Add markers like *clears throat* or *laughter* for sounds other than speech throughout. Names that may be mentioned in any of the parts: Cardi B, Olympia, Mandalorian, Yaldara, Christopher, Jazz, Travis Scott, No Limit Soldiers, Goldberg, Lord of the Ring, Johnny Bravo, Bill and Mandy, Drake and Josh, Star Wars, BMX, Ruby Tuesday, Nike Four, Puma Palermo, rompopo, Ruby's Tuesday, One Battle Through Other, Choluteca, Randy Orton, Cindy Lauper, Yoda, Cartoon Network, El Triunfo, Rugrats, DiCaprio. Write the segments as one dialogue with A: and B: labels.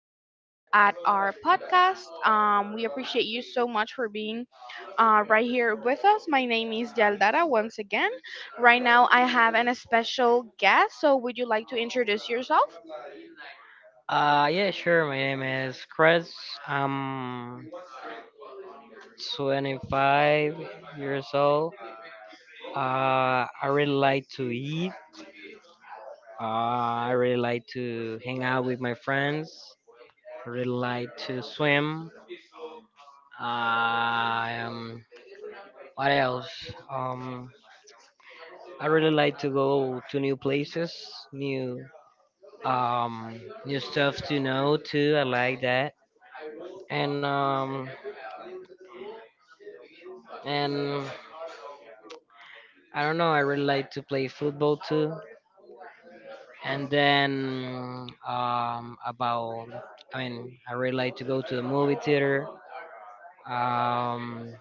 A: us at our podcast. We appreciate you so much for being right here with us. My name is Yaldara once again. Right now, I have a special guest. So, would you like to introduce yourself?
B: Yeah, sure. My name is Chris. I'm 25 years old. I really like to eat. Uh, I really like to hang out with my friends. I really like to swim. Uh, um, what else? Um, I really like to go to new places, new stuff to know too. I like that. And um, and I don't know. I really like to play football too. And then I mean, I really like to go to the movie theater. Um,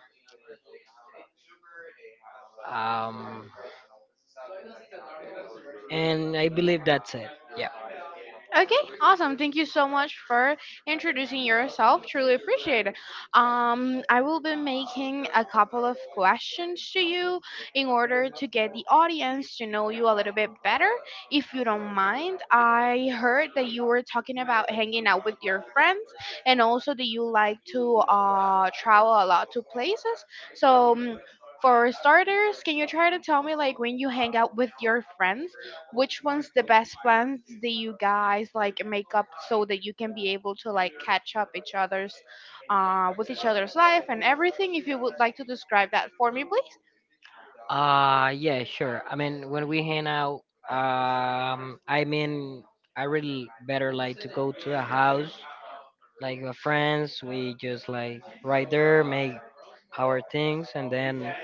B: um, and I believe that's it. Yeah.
A: Okay, awesome. Thank you so much for introducing yourself. Truly appreciate it. I will be making a couple of questions to you in order to get the audience to know you a little bit better. If you don't mind, I heard that you were talking about hanging out with your friends and also that you like to travel a lot to places. So, for starters, can you try to tell me like when you hang out with your friends? Which one's the best plans do you guys like make up so that you can be able to like catch up each other's with each other's life and everything, if you would like to describe that for me, please?
B: Yeah, sure. I mean, when we hang out, I mean, I really better like to go to the house, like with friends. We just like right there make our things, and then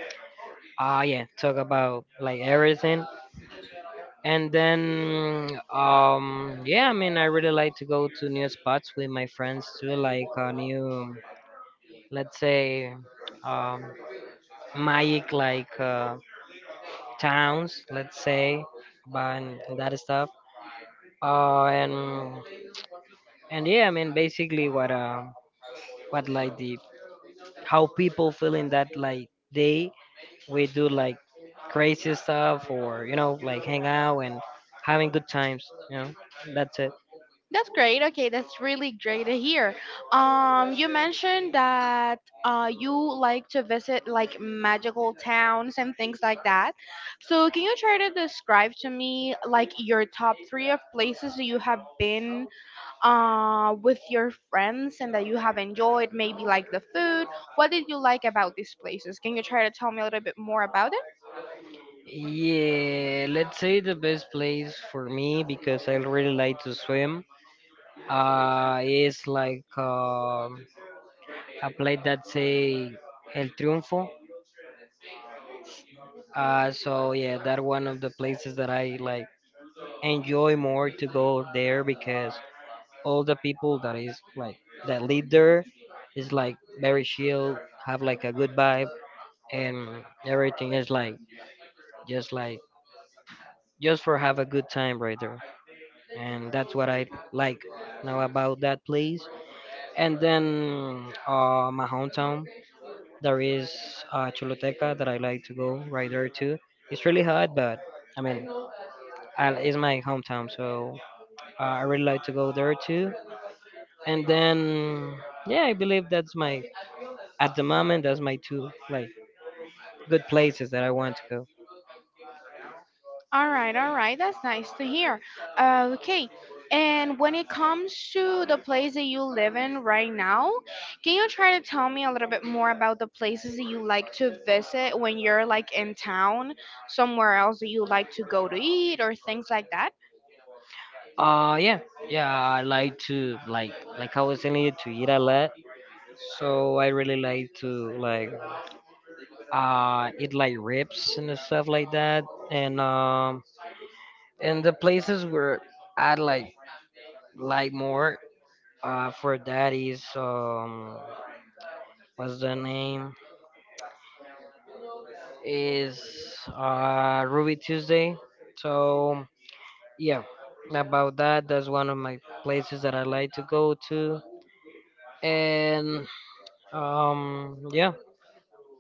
B: yeah, talk about like everything. And then um yeah, I mean, I really like to go to new spots with my friends too, like new, let's say, um magic, like towns, let's say, but and that stuff. Uh and and yeah, I mean, basically what like the how people feel in that like day, we do like crazy stuff, or you know, like hang out and having good times, you know. That's it.
A: That's great. Okay, that's really great to hear. You mentioned that you like to visit like magical towns and things like that, so can you try to describe to me like your top three of places that you have been with your friends and that you have enjoyed, maybe like the food. What did you like about these places? Can you try to tell me a little bit more about it?
B: Yeah, let's say the best place for me, because I really like to swim. Is like a place that say El Triunfo. So yeah, that one of the places that I like enjoy more to go there, because all the people that is like that live there is like very chill, have like a good vibe, and everything is like just for have a good time right there. And that's what I like now about that place. And then my hometown, there is Choluteca, that I like to go right there too. It's really hot, but I mean, I, it's my hometown, so I really like to go there too. And then yeah, I believe that's my, at the moment, that's my two like good places that I want to go.
A: All right, that's nice to hear. Okay, and when it comes to the place that you live in right now, can you try to tell me a little bit more about the places that you like to visit when you're like in town, somewhere else that you like to go to eat or things like that?
B: Uh yeah, yeah, I like to like, like I was telling you, to eat a lot. So I really like to like it, like rips and stuff like that. And um and the places where I like more for that is, what's the name, is Ruby Tuesday. So yeah, about that, that's one of my places that I like to go to. and um yeah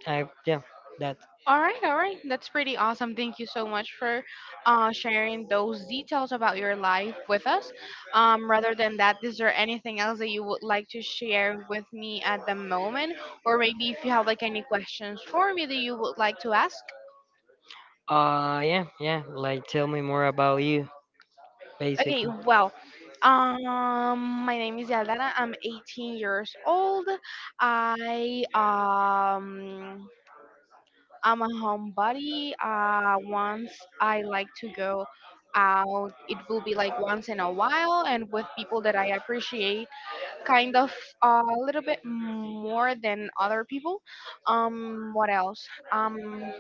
B: i yeah that
A: All right, all right. That's pretty awesome. Thank you so much for sharing those details about your life with us. Rather than that, is there anything else that you would like to share with me at the moment? Or maybe if you have like any questions for me that you would like to ask?
B: yeah, like tell me more about you,
A: Okay,
B: basically.
A: well, my name is Yaldana. I'm 18 years old. I um I'm a homebody. Once I like to go out, it will be like once in a while, and with people that I appreciate, kind of a little bit more than other people. What else?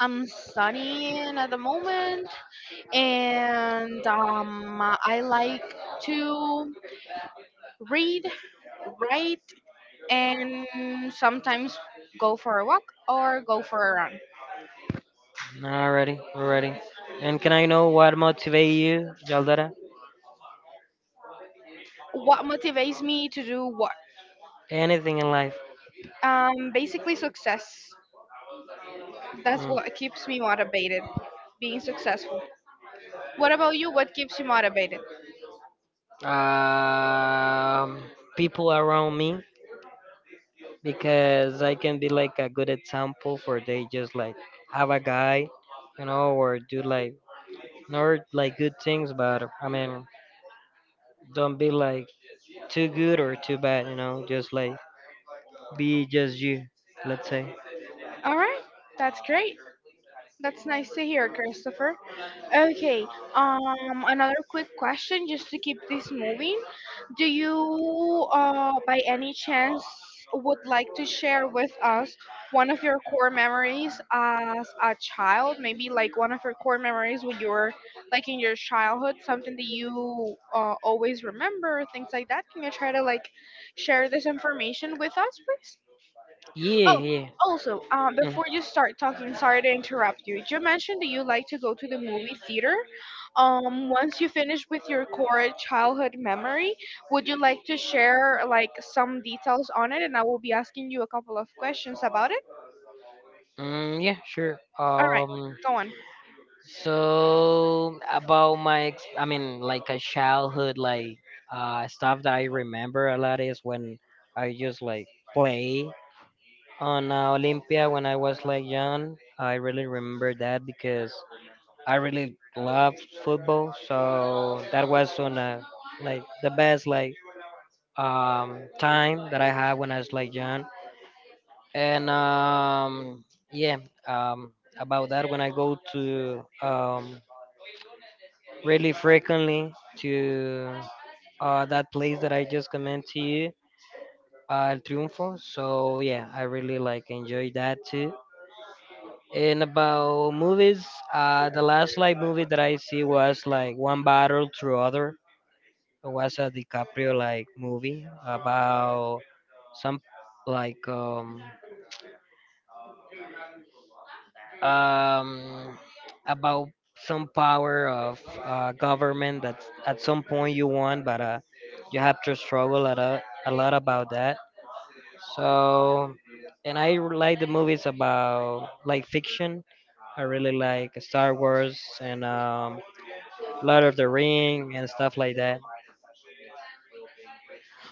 A: I'm studying at the moment, and I like to read, write, and sometimes go for a walk or go for a run.
B: Already, we're ready. And can I know what motivates you, Jaldara?
A: What motivates me to do what?
B: Anything in life?
A: Basically, success. That's
B: Mm.
A: what keeps me motivated, being successful. What about you? What keeps you motivated?
B: Um, People around me, because I can be like a good example for they, just like have a guy, you know, or do like not like good things, but I mean, don't be like too good or too bad, you know, just like be just you, let's say.
A: All right, that's great. That's nice to hear, Christopher. Okay, another quick question just to keep this moving. Do you, by any chance, would like to share with us one of your core memories as a child? Maybe like one of your core memories when you were like in your childhood, something that you always remember, things like that. Can you try to like share this information with us, please?
B: Yeah,
A: Oh,
B: yeah.
A: also,
B: Mm.
A: before you start talking, sorry to interrupt you. You mentioned that you like to go to the movie theater. Once you finish with your core childhood memory, would you like to share like some details on it? And I will be asking you a couple of questions about it.
B: Yeah, sure.
A: All right, go on.
B: So about my, I mean, like a childhood, like stuff that I remember a lot is when I just like play on Olympia when I was like young. I really remember that because I really loved football, so that was on a like the best like time that I had when I was like young. And yeah, um, about that, when I go to really frequently to that place that I just commented to you, El Triunfo. So yeah, I really like enjoy that too. And about movies, the last like movie that I see was like One Battle Through Other. It was a DiCaprio like movie about some like um um, about some power of government that at some point you want, but you have to struggle a lot about that. So, and I like the movies about like fiction. I really like Star Wars and Lord of the Ring and stuff like that.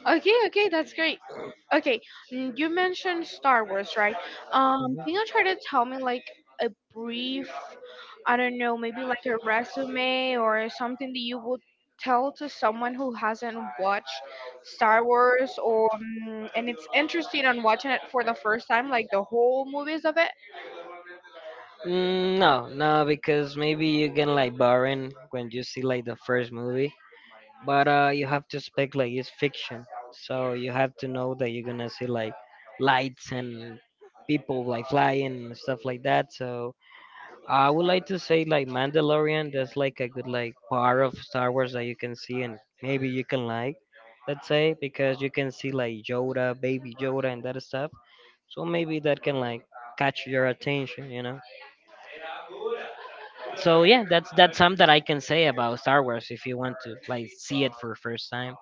A: Okay, okay, that's great. Okay, mm, you mentioned Star Wars, right?
B: Mhm.
A: Can you try to tell me like a brief, I don't know, maybe like a resume or something that you would tell to someone who hasn't watched Star Wars or mm, and it's interested on watching it for the first time, like the whole movies of it?
B: Mm, no, no, because maybe you can like boring when you see like the first movie, but you have to expect like it's fiction, so you have to know that you're gonna see like lights and people like flying and stuff like that. So I would like to say like Mandalorian. That's like a good like part of Star Wars that you can see, and maybe you can like, let's say, because you can see like Yoda, baby Yoda, and that stuff. So maybe that can like catch your attention, you know. So yeah, that's something that I can say about Star Wars if you want to like see it for first time.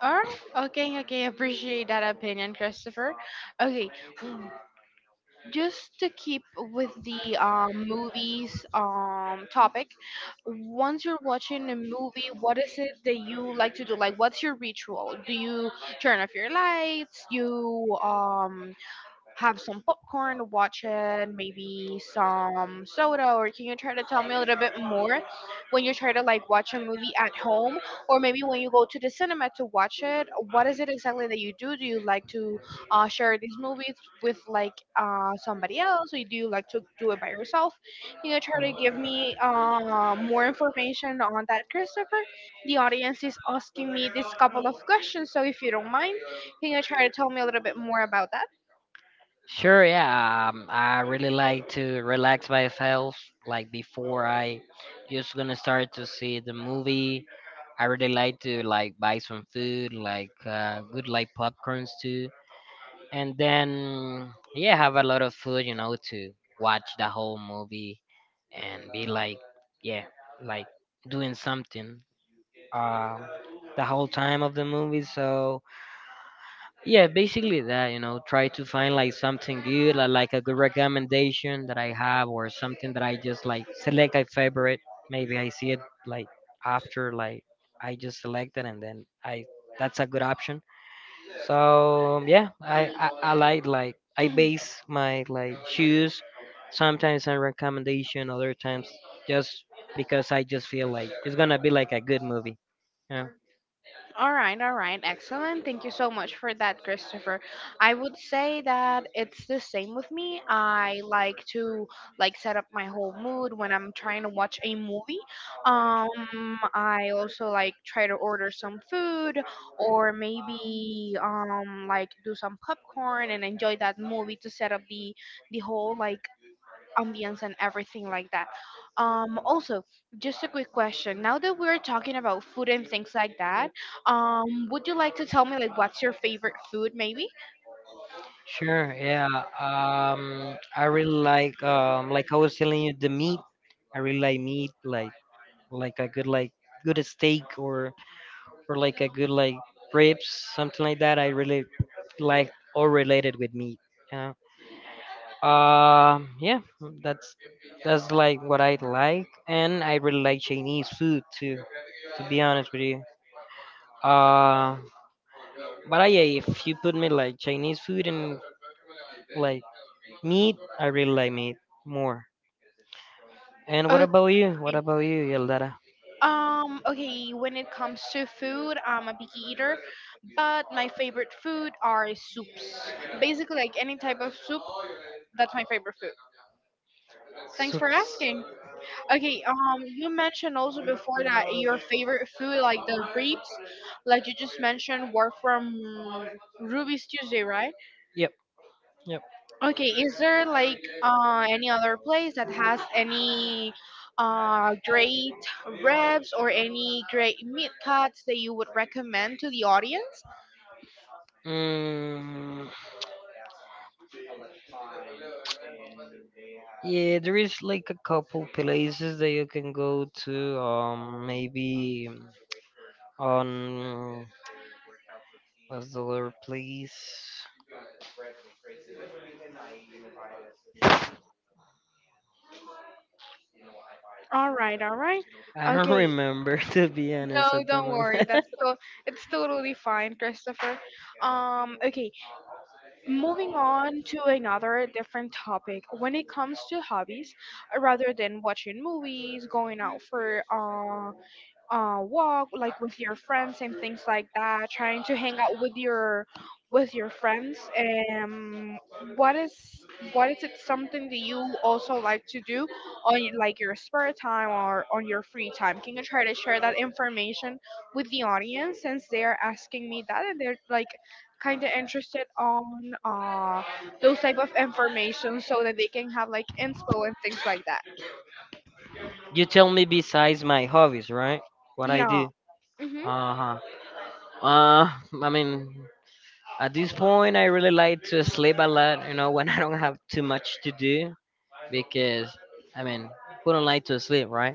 A: Or okay, okay, appreciate that opinion, Christopher. Okay, mm, just to keep with the movies topic, once you're watching a movie, what is it that you like to do? Like, what's your ritual? Do you turn off your lights? You have some popcorn, watch it, maybe some soda, or can you try to tell me a little bit more when you try to like watch a movie at home, or maybe when you go to the cinema to watch it? What is it exactly that you do? Do you like to share these movies with like somebody else, or do you like to do it by yourself? Can you try to give me more information on that, Christopher? The audience is asking me this couple of questions, so if you don't mind, can you try to tell me a little bit more about that?
B: Sure, yeah. I really like to relax myself like before I just gonna start to see the movie. I really like to like buy some food, like good like popcorns too. And then yeah, have a lot of food, you know, to watch the whole movie and be like yeah, like doing something um the whole time of the movie. So yeah, basically that, you know, try to find like something good, like a good recommendation that I have, or something that I just like select a favorite. Maybe I see it like after like I just select it, and then I, that's a good option. So yeah, I like I base my like shoes sometimes on recommendation, other times just because I just feel like it's gonna be like a good movie. Yeah.
A: All right, excellent. Thank you so much for that, Christopher. I would say that it's the same with me. I like to like set up my whole mood when I'm trying to watch a movie. Um, I also like try to order some food or maybe like do some popcorn and enjoy that movie to set up the whole like ambience and everything like that. Also, just a quick question. Now that we're talking about food and things like that, would you like to tell me like what's your favorite food, maybe?
B: Sure, yeah. I really like I was telling you, the meat. I really like meat, like a good like good steak, or like a good like ribs, something like that. I really like all related with meat. Yeah. Um, yeah, that's that's like what I like, and I really like Chinese food too. To be honest with you, uh, but I, yeah, if you put me like Chinese food and like meat, I really like meat more. And what
A: Okay.
B: about you? What about you, Yeldara?
A: Okay, when it comes to food, I'm a picky eater, but my favorite food are soups. Basically, like any type of soup, that's my favorite food. Thanks for
B: Soups.
A: asking. Okay, you mentioned also before that your favorite food, like the ribs, like you just mentioned, were from Ruby's Tuesday, right?
B: Yep, yep.
A: Okay, is there like any other place that has any great ribs or any great meat cuts that you would recommend to the audience?
B: Mm, yeah, there is like a couple places that you can go to. Maybe. On, what's the word, please?
A: All right, all right.
B: I don't
A: Okay,
B: remember *laughs* to be honest
A: no,
B: at the
A: don't
B: moment.
A: worry. That's so it's totally fine, Christopher.
B: *laughs*
A: Um, okay. Moving on to another different topic. When it comes to hobbies, rather than watching movies, going out for walk like with your friends and things like that, trying to hang out with your friends, um what is, what is it something that you also like to do on your spare time or on your free time? Can you try to share that information with the audience, since they are asking me that and they're like kind of interested on uh those type of information so that they can have like inspo and things like that?
B: You tell me besides my hobbies, right? What I
A: Yeah,
B: do.
A: mm-hmm.
B: Uh huh. Uh, I mean, at this point, I really like to sleep a lot. You know, when *laughs* I don't have too much to do, because I mean, who don't like to sleep, right?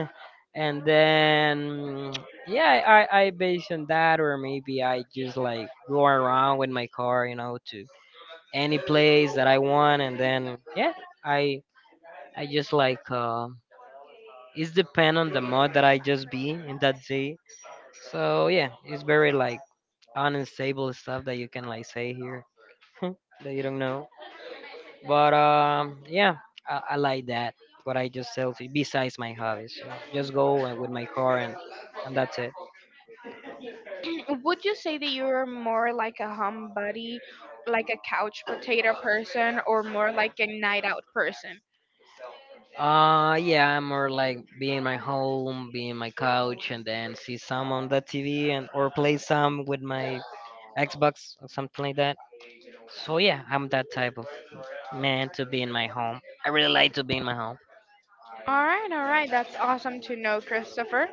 B: *laughs* and then *tsk* yeah, I base on that, or maybe I just like go around with my car, you know, to any place that I want. And then yeah i i just like it's depend on the mod that I just be in that day. So yeah, it's very like unstable stuff that you can like say here *laughs* that you don't know. But yeah, I like that, what I just tell to besides my hobbies, you know, just go and with my car, and that's it.
A: *clears throat* Would you say that you're more like a homebody, like a couch potato person, or more like a night out person?
B: Yeah, I'm more like be in my home, be in my couch, and then see some on the TV, and or play some with my Xbox or something like that. So yeah, I'm that type of man to be in my home. I really like to be in my home.
A: All right, all right. That's awesome to know, Christopher.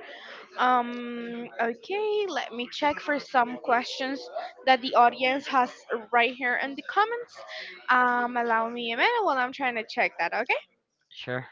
A: Okay, let me check for some questions that the audience has right here in the comments. Allow me a minute while I'm trying to check that, okay?
B: Sure.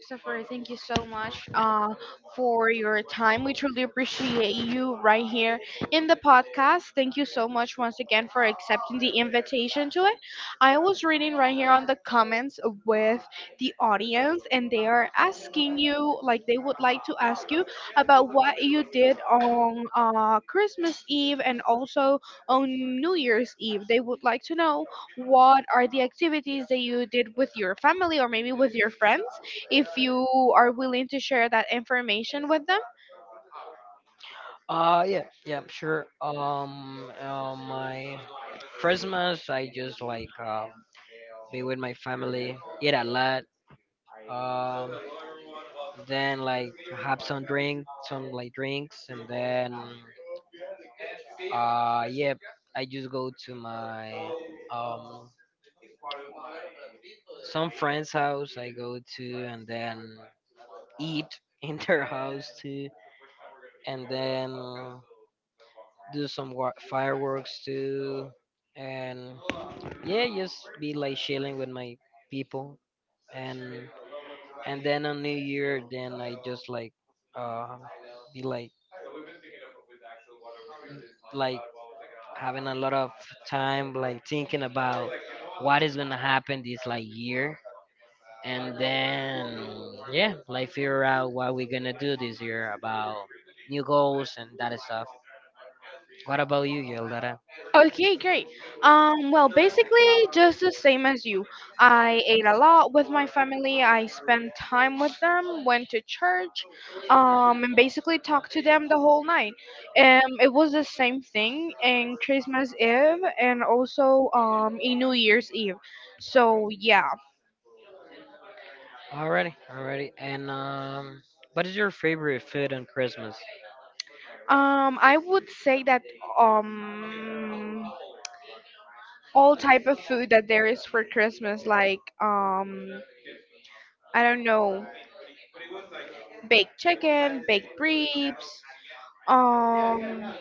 A: Christopher, thank you so much for your time. We truly appreciate you right here in the podcast. Thank you so much once again for accepting the invitation to it. I was reading right here on the comments with the audience, and they are asking you, like, they would like to ask you about what you did on Christmas Eve and also on New Year's Eve. They would like to know what are the activities that you did with your family or maybe with your friends, if you are willing to share that information with them.
B: Yeah, sure. My Christmas, I just like be with my family, eat a lot. Um, then like have some drink, some like drinks, and then yep. I just go to my um some friend's house. I go to and then eat *laughs* in their house too, and then do some fireworks too, and yeah, just be like chilling with my people. and and then on New Year, then I just like uh be like having a lot of time like thinking about what is gonna happen this like year. And then yeah, like figure out what we're gonna do this year about new goals and that stuff. What about you, Yildara?
A: Okay, great. Well, basically, just the same as you. I ate a lot with my family. I spent time with them, went to church, and basically talked to them the whole night. It was the same thing in Christmas Eve and also in New Year's Eve. So yeah,
B: Already already and what is your favorite food on Christmas?
A: I would say that um all type of food that there is for Christmas, like I don't know, baked chicken, baked ribs, um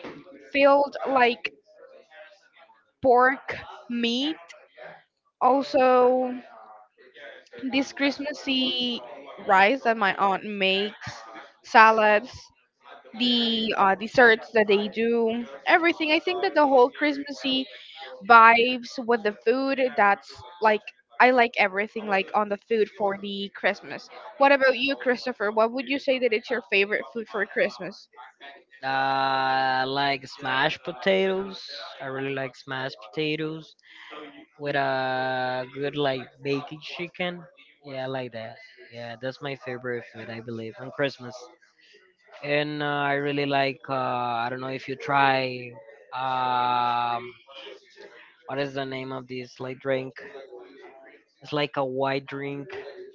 A: filled like pork meat. Also this Christmassy rice that my aunt makes, salads, the desserts that they do, everything. I think that the whole Christmassy vibes with the food. That's like I like everything like on the food for the Christmas. What about you, Christopher? What would you say that it's your favorite food for Christmas?
B: uh I like smashed potatoes, I really like smashed potatoes with a good like baked chicken. Yeah, I like that. Yeah, that's my favorite food, I believe, on Christmas. And I really like. I don't know if you try. Um, what is the name of this like drink? It's like a white drink,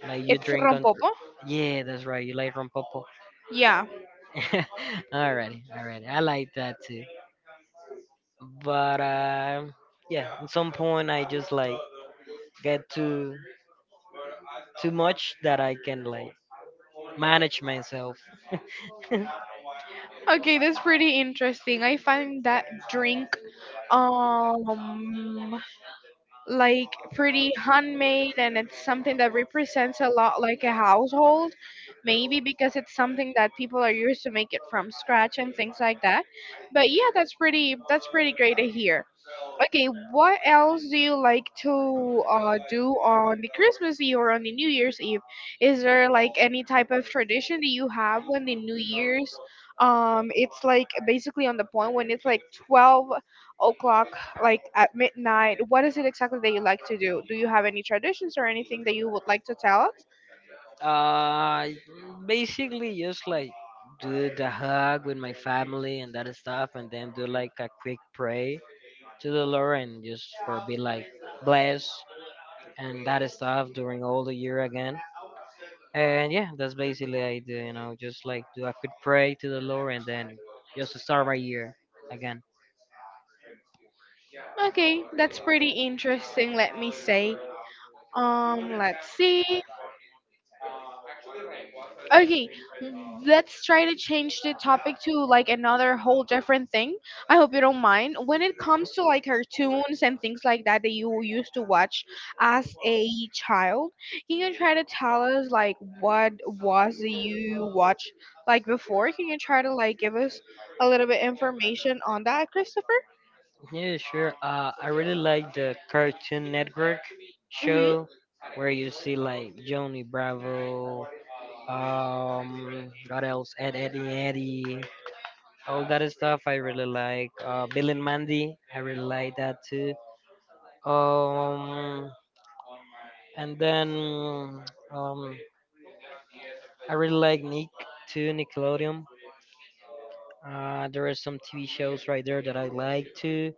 B: like you
A: It's
B: drink on.
A: rompopo.
B: Yeah, that's right. You like rompopo.
A: Yeah,
B: *laughs* Alrighty, alrighty. I like that too. But yeah, at some point I just like get too much that I can like manage myself. *laughs*
A: okay, that's pretty interesting. I find that drink um like pretty handmade, and it's something that represents a lot like a household, maybe because it's something that people are used to make it from scratch and things like that. But yeah, that's pretty, that's pretty great to hear. Okay, what else do you like to do on the Christmas Eve or on the New Year's Eve? Is there like any type of tradition that you have when the New Year's? It's like basically on the point when it's like 12 o'clock, like at midnight. What is it exactly that you like to do? Do you have any traditions or anything that you would like to tell us?
B: uh, Basically, just like do the hug with my family and that stuff, and then do like a quick pray to the Lord, and just for be like blessed and that stuff during all the year again. And yeah, that's basically I do. You know, just like do a quick pray to the Lord, and then just to start my year again.
A: Okay, that's pretty interesting. Let me say. Let's see. Okay, let's try to change the topic to like another whole different thing. I hope you don't mind. When it comes to like cartoons and things like that that you used to watch as a child, can you try to tell us like what was that you watched like before? Can you try to like give us a little bit information on that, Christopher?
B: Yeah, sure. I really like the Cartoon Network
A: Hmm.
B: show where you see like Johnny Bravo, what else? Ed, Eddie, all that stuff. I really like. Bill and Mandy. I really like that too. Um, and then um, I really like Nick too, Nickelodeon. There are some TV shows right there that I like too,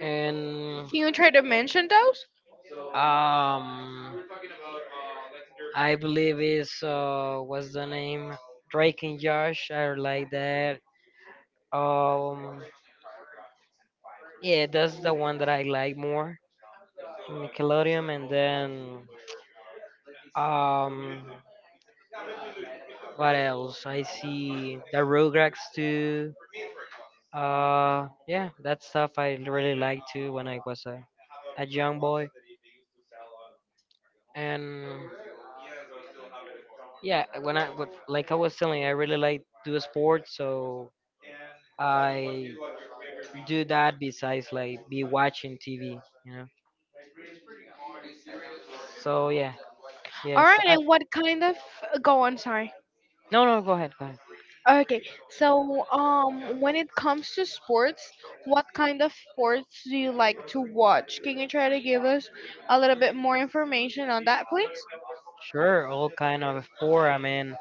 B: and
A: Can you try to mention those?
B: um. I believe it's what's the name? Drake and Josh. I like that. Um, yeah, that's the one that I like more. Nickelodeon, and then um, what else? I see the Rugrats too. Yeah, that stuff I really liked too when I was a young boy. And yeah, when I but like I was telling, you, I really like do sports, so I do that besides like be watching TV, you know. So yeah,
A: All
B: yes.
A: right,
B: I
A: and what kind of— go on? Sorry.
B: no no, go ahead, go ahead.
A: Okay, so when it comes to sports, what kind of sports do you like to watch? Can you try to give us a little bit more information on that, please?
B: Sure, all kind of sport. I mean,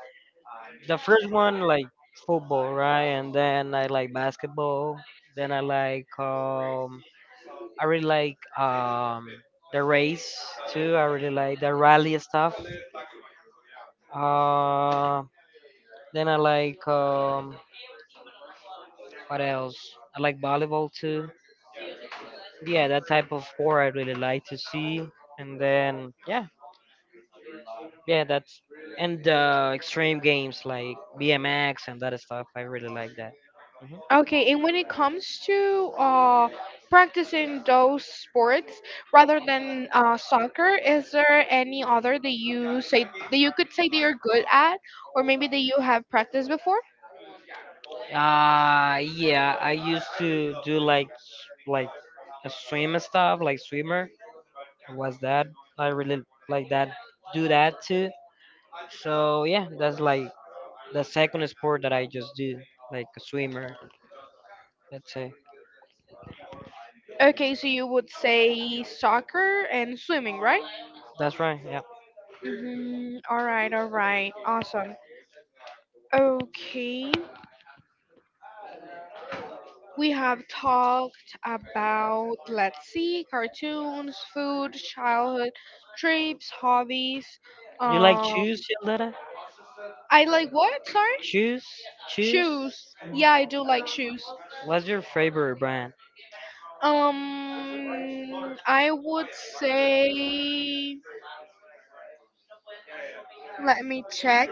B: the first one like football, right? And then I like basketball. Then I really like the race too. I really like the rally stuff. Uh, then I like What else? I like volleyball too. Yeah, that type of sport I really like to see. And then yeah, yeah, that's and extreme games like BMX and that stuff. I really like that. Hmm.
A: Okay, and when it comes to practicing those sports rather than soccer, is there any other that you say that you could say that you're good at, or maybe that you have practiced before?
B: Yeah, I used to do like like a swim and stuff, like swimmer. Was that I really like that? Do that too. So yeah, that's like the second sport that I just do, like a swimmer. Let's say
A: Okay, so you would say soccer and swimming, right?
B: that's right. Yeah,
A: Mm-hmm. All right, awesome. Okay, we have talked about, let's see, cartoons, food, childhood, trips, hobbies.
B: you like
A: Um,
B: shoes, Yolanda?
A: I like what? Sorry?
B: Choose, Choose.
A: Shoes. Yeah, I do like shoes.
B: What's your favorite brand?
A: I would say, let me check.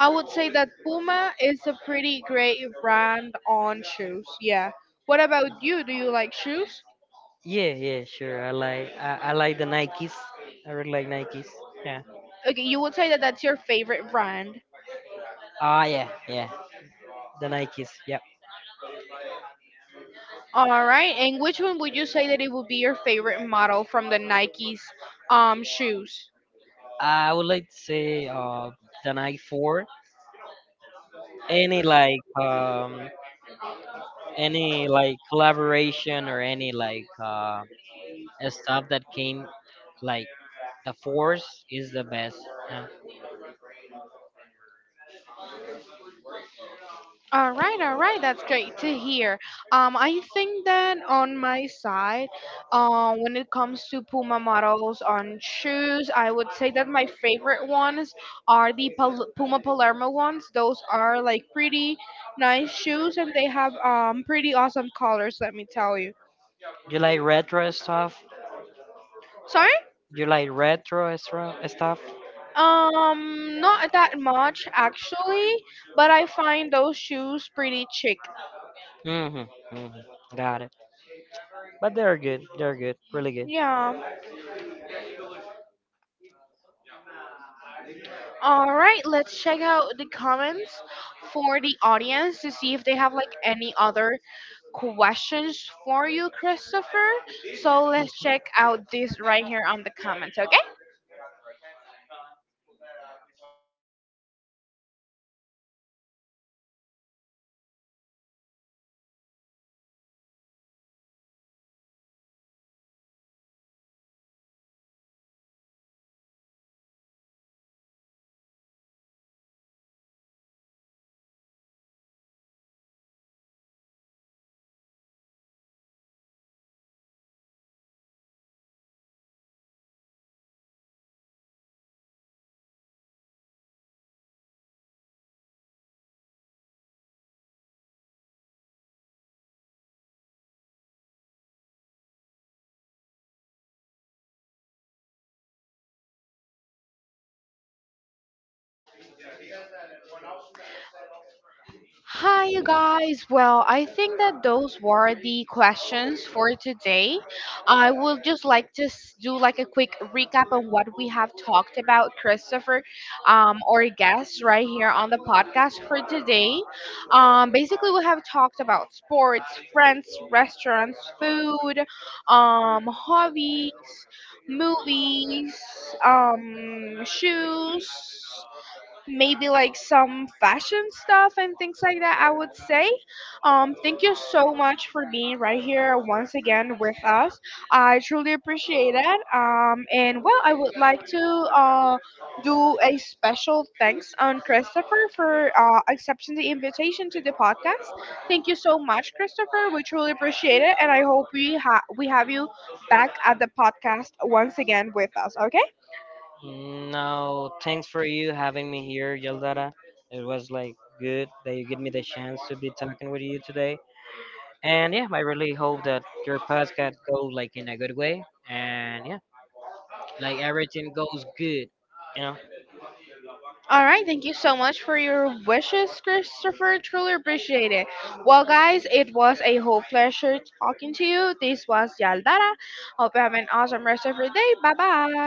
A: I would say that Puma is a pretty great brand on shoes. Yeah. What about you? Do you like shoes?
B: Yeah, yeah, sure. I like the Nikes. I really like Nikes. Yeah.
A: Okay, you would say that that's your favorite brand.
B: Ah, yeah, yeah. The Nikes. Yeah.
A: All right. And which one would you say that it would be your favorite model from the Nike's shoes?
B: I would like to say the Nike Four. Any like um any like collaboration or any like stuff that came like, the Force is the best. Yeah.
A: All right, that's great to hear. I think that on my side, when it comes to Puma models on shoes, I would say that my favorite ones are the Puma Palermo ones. Those are like pretty nice shoes, and they have pretty awesome colors. Let me tell you.
B: You like retro stuff?
A: So I—
B: You like retro stuff?
A: Not that much actually, but I find those shoes pretty chic.
B: Mm-hmm. Mm-hmm. Got it. But they're good. They're good. Really good.
A: Yeah. All right, let's check out the comments for the audience to see if they have like any other questions for you, Christopher. So let's check out this right here on the comments. Hi, you guys. Well, I think that those were the questions for today. I would just like to do like a quick recap on what we have talked about, Christopher, or guests right here on the podcast for today. Basically, we have talked about sports, friends, restaurants, food, hobbies, movies, shoes, maybe like some fashion stuff and things like that, I would say. Thank you so much for being right here once again with us. I truly appreciate it. And well, I would like to uh do a special thanks on Christopher for accepting the invitation to the podcast. Thank you so much, Christopher. We truly appreciate it, and I hope we have you back at the podcast once again with us, okay?
B: No, thanks for you having me here, Yaldara. It was like good that you give me the chance to be talking with you today. And yeah, I really hope that your podcast goes like in a good way. And yeah, like everything goes good. You know.
A: All right, thank you so much for your wishes, Christopher. Truly appreciate it. Well, guys, it was a whole pleasure talking to you. This was Yaldara. Hope you have an awesome rest of your day. Bye bye.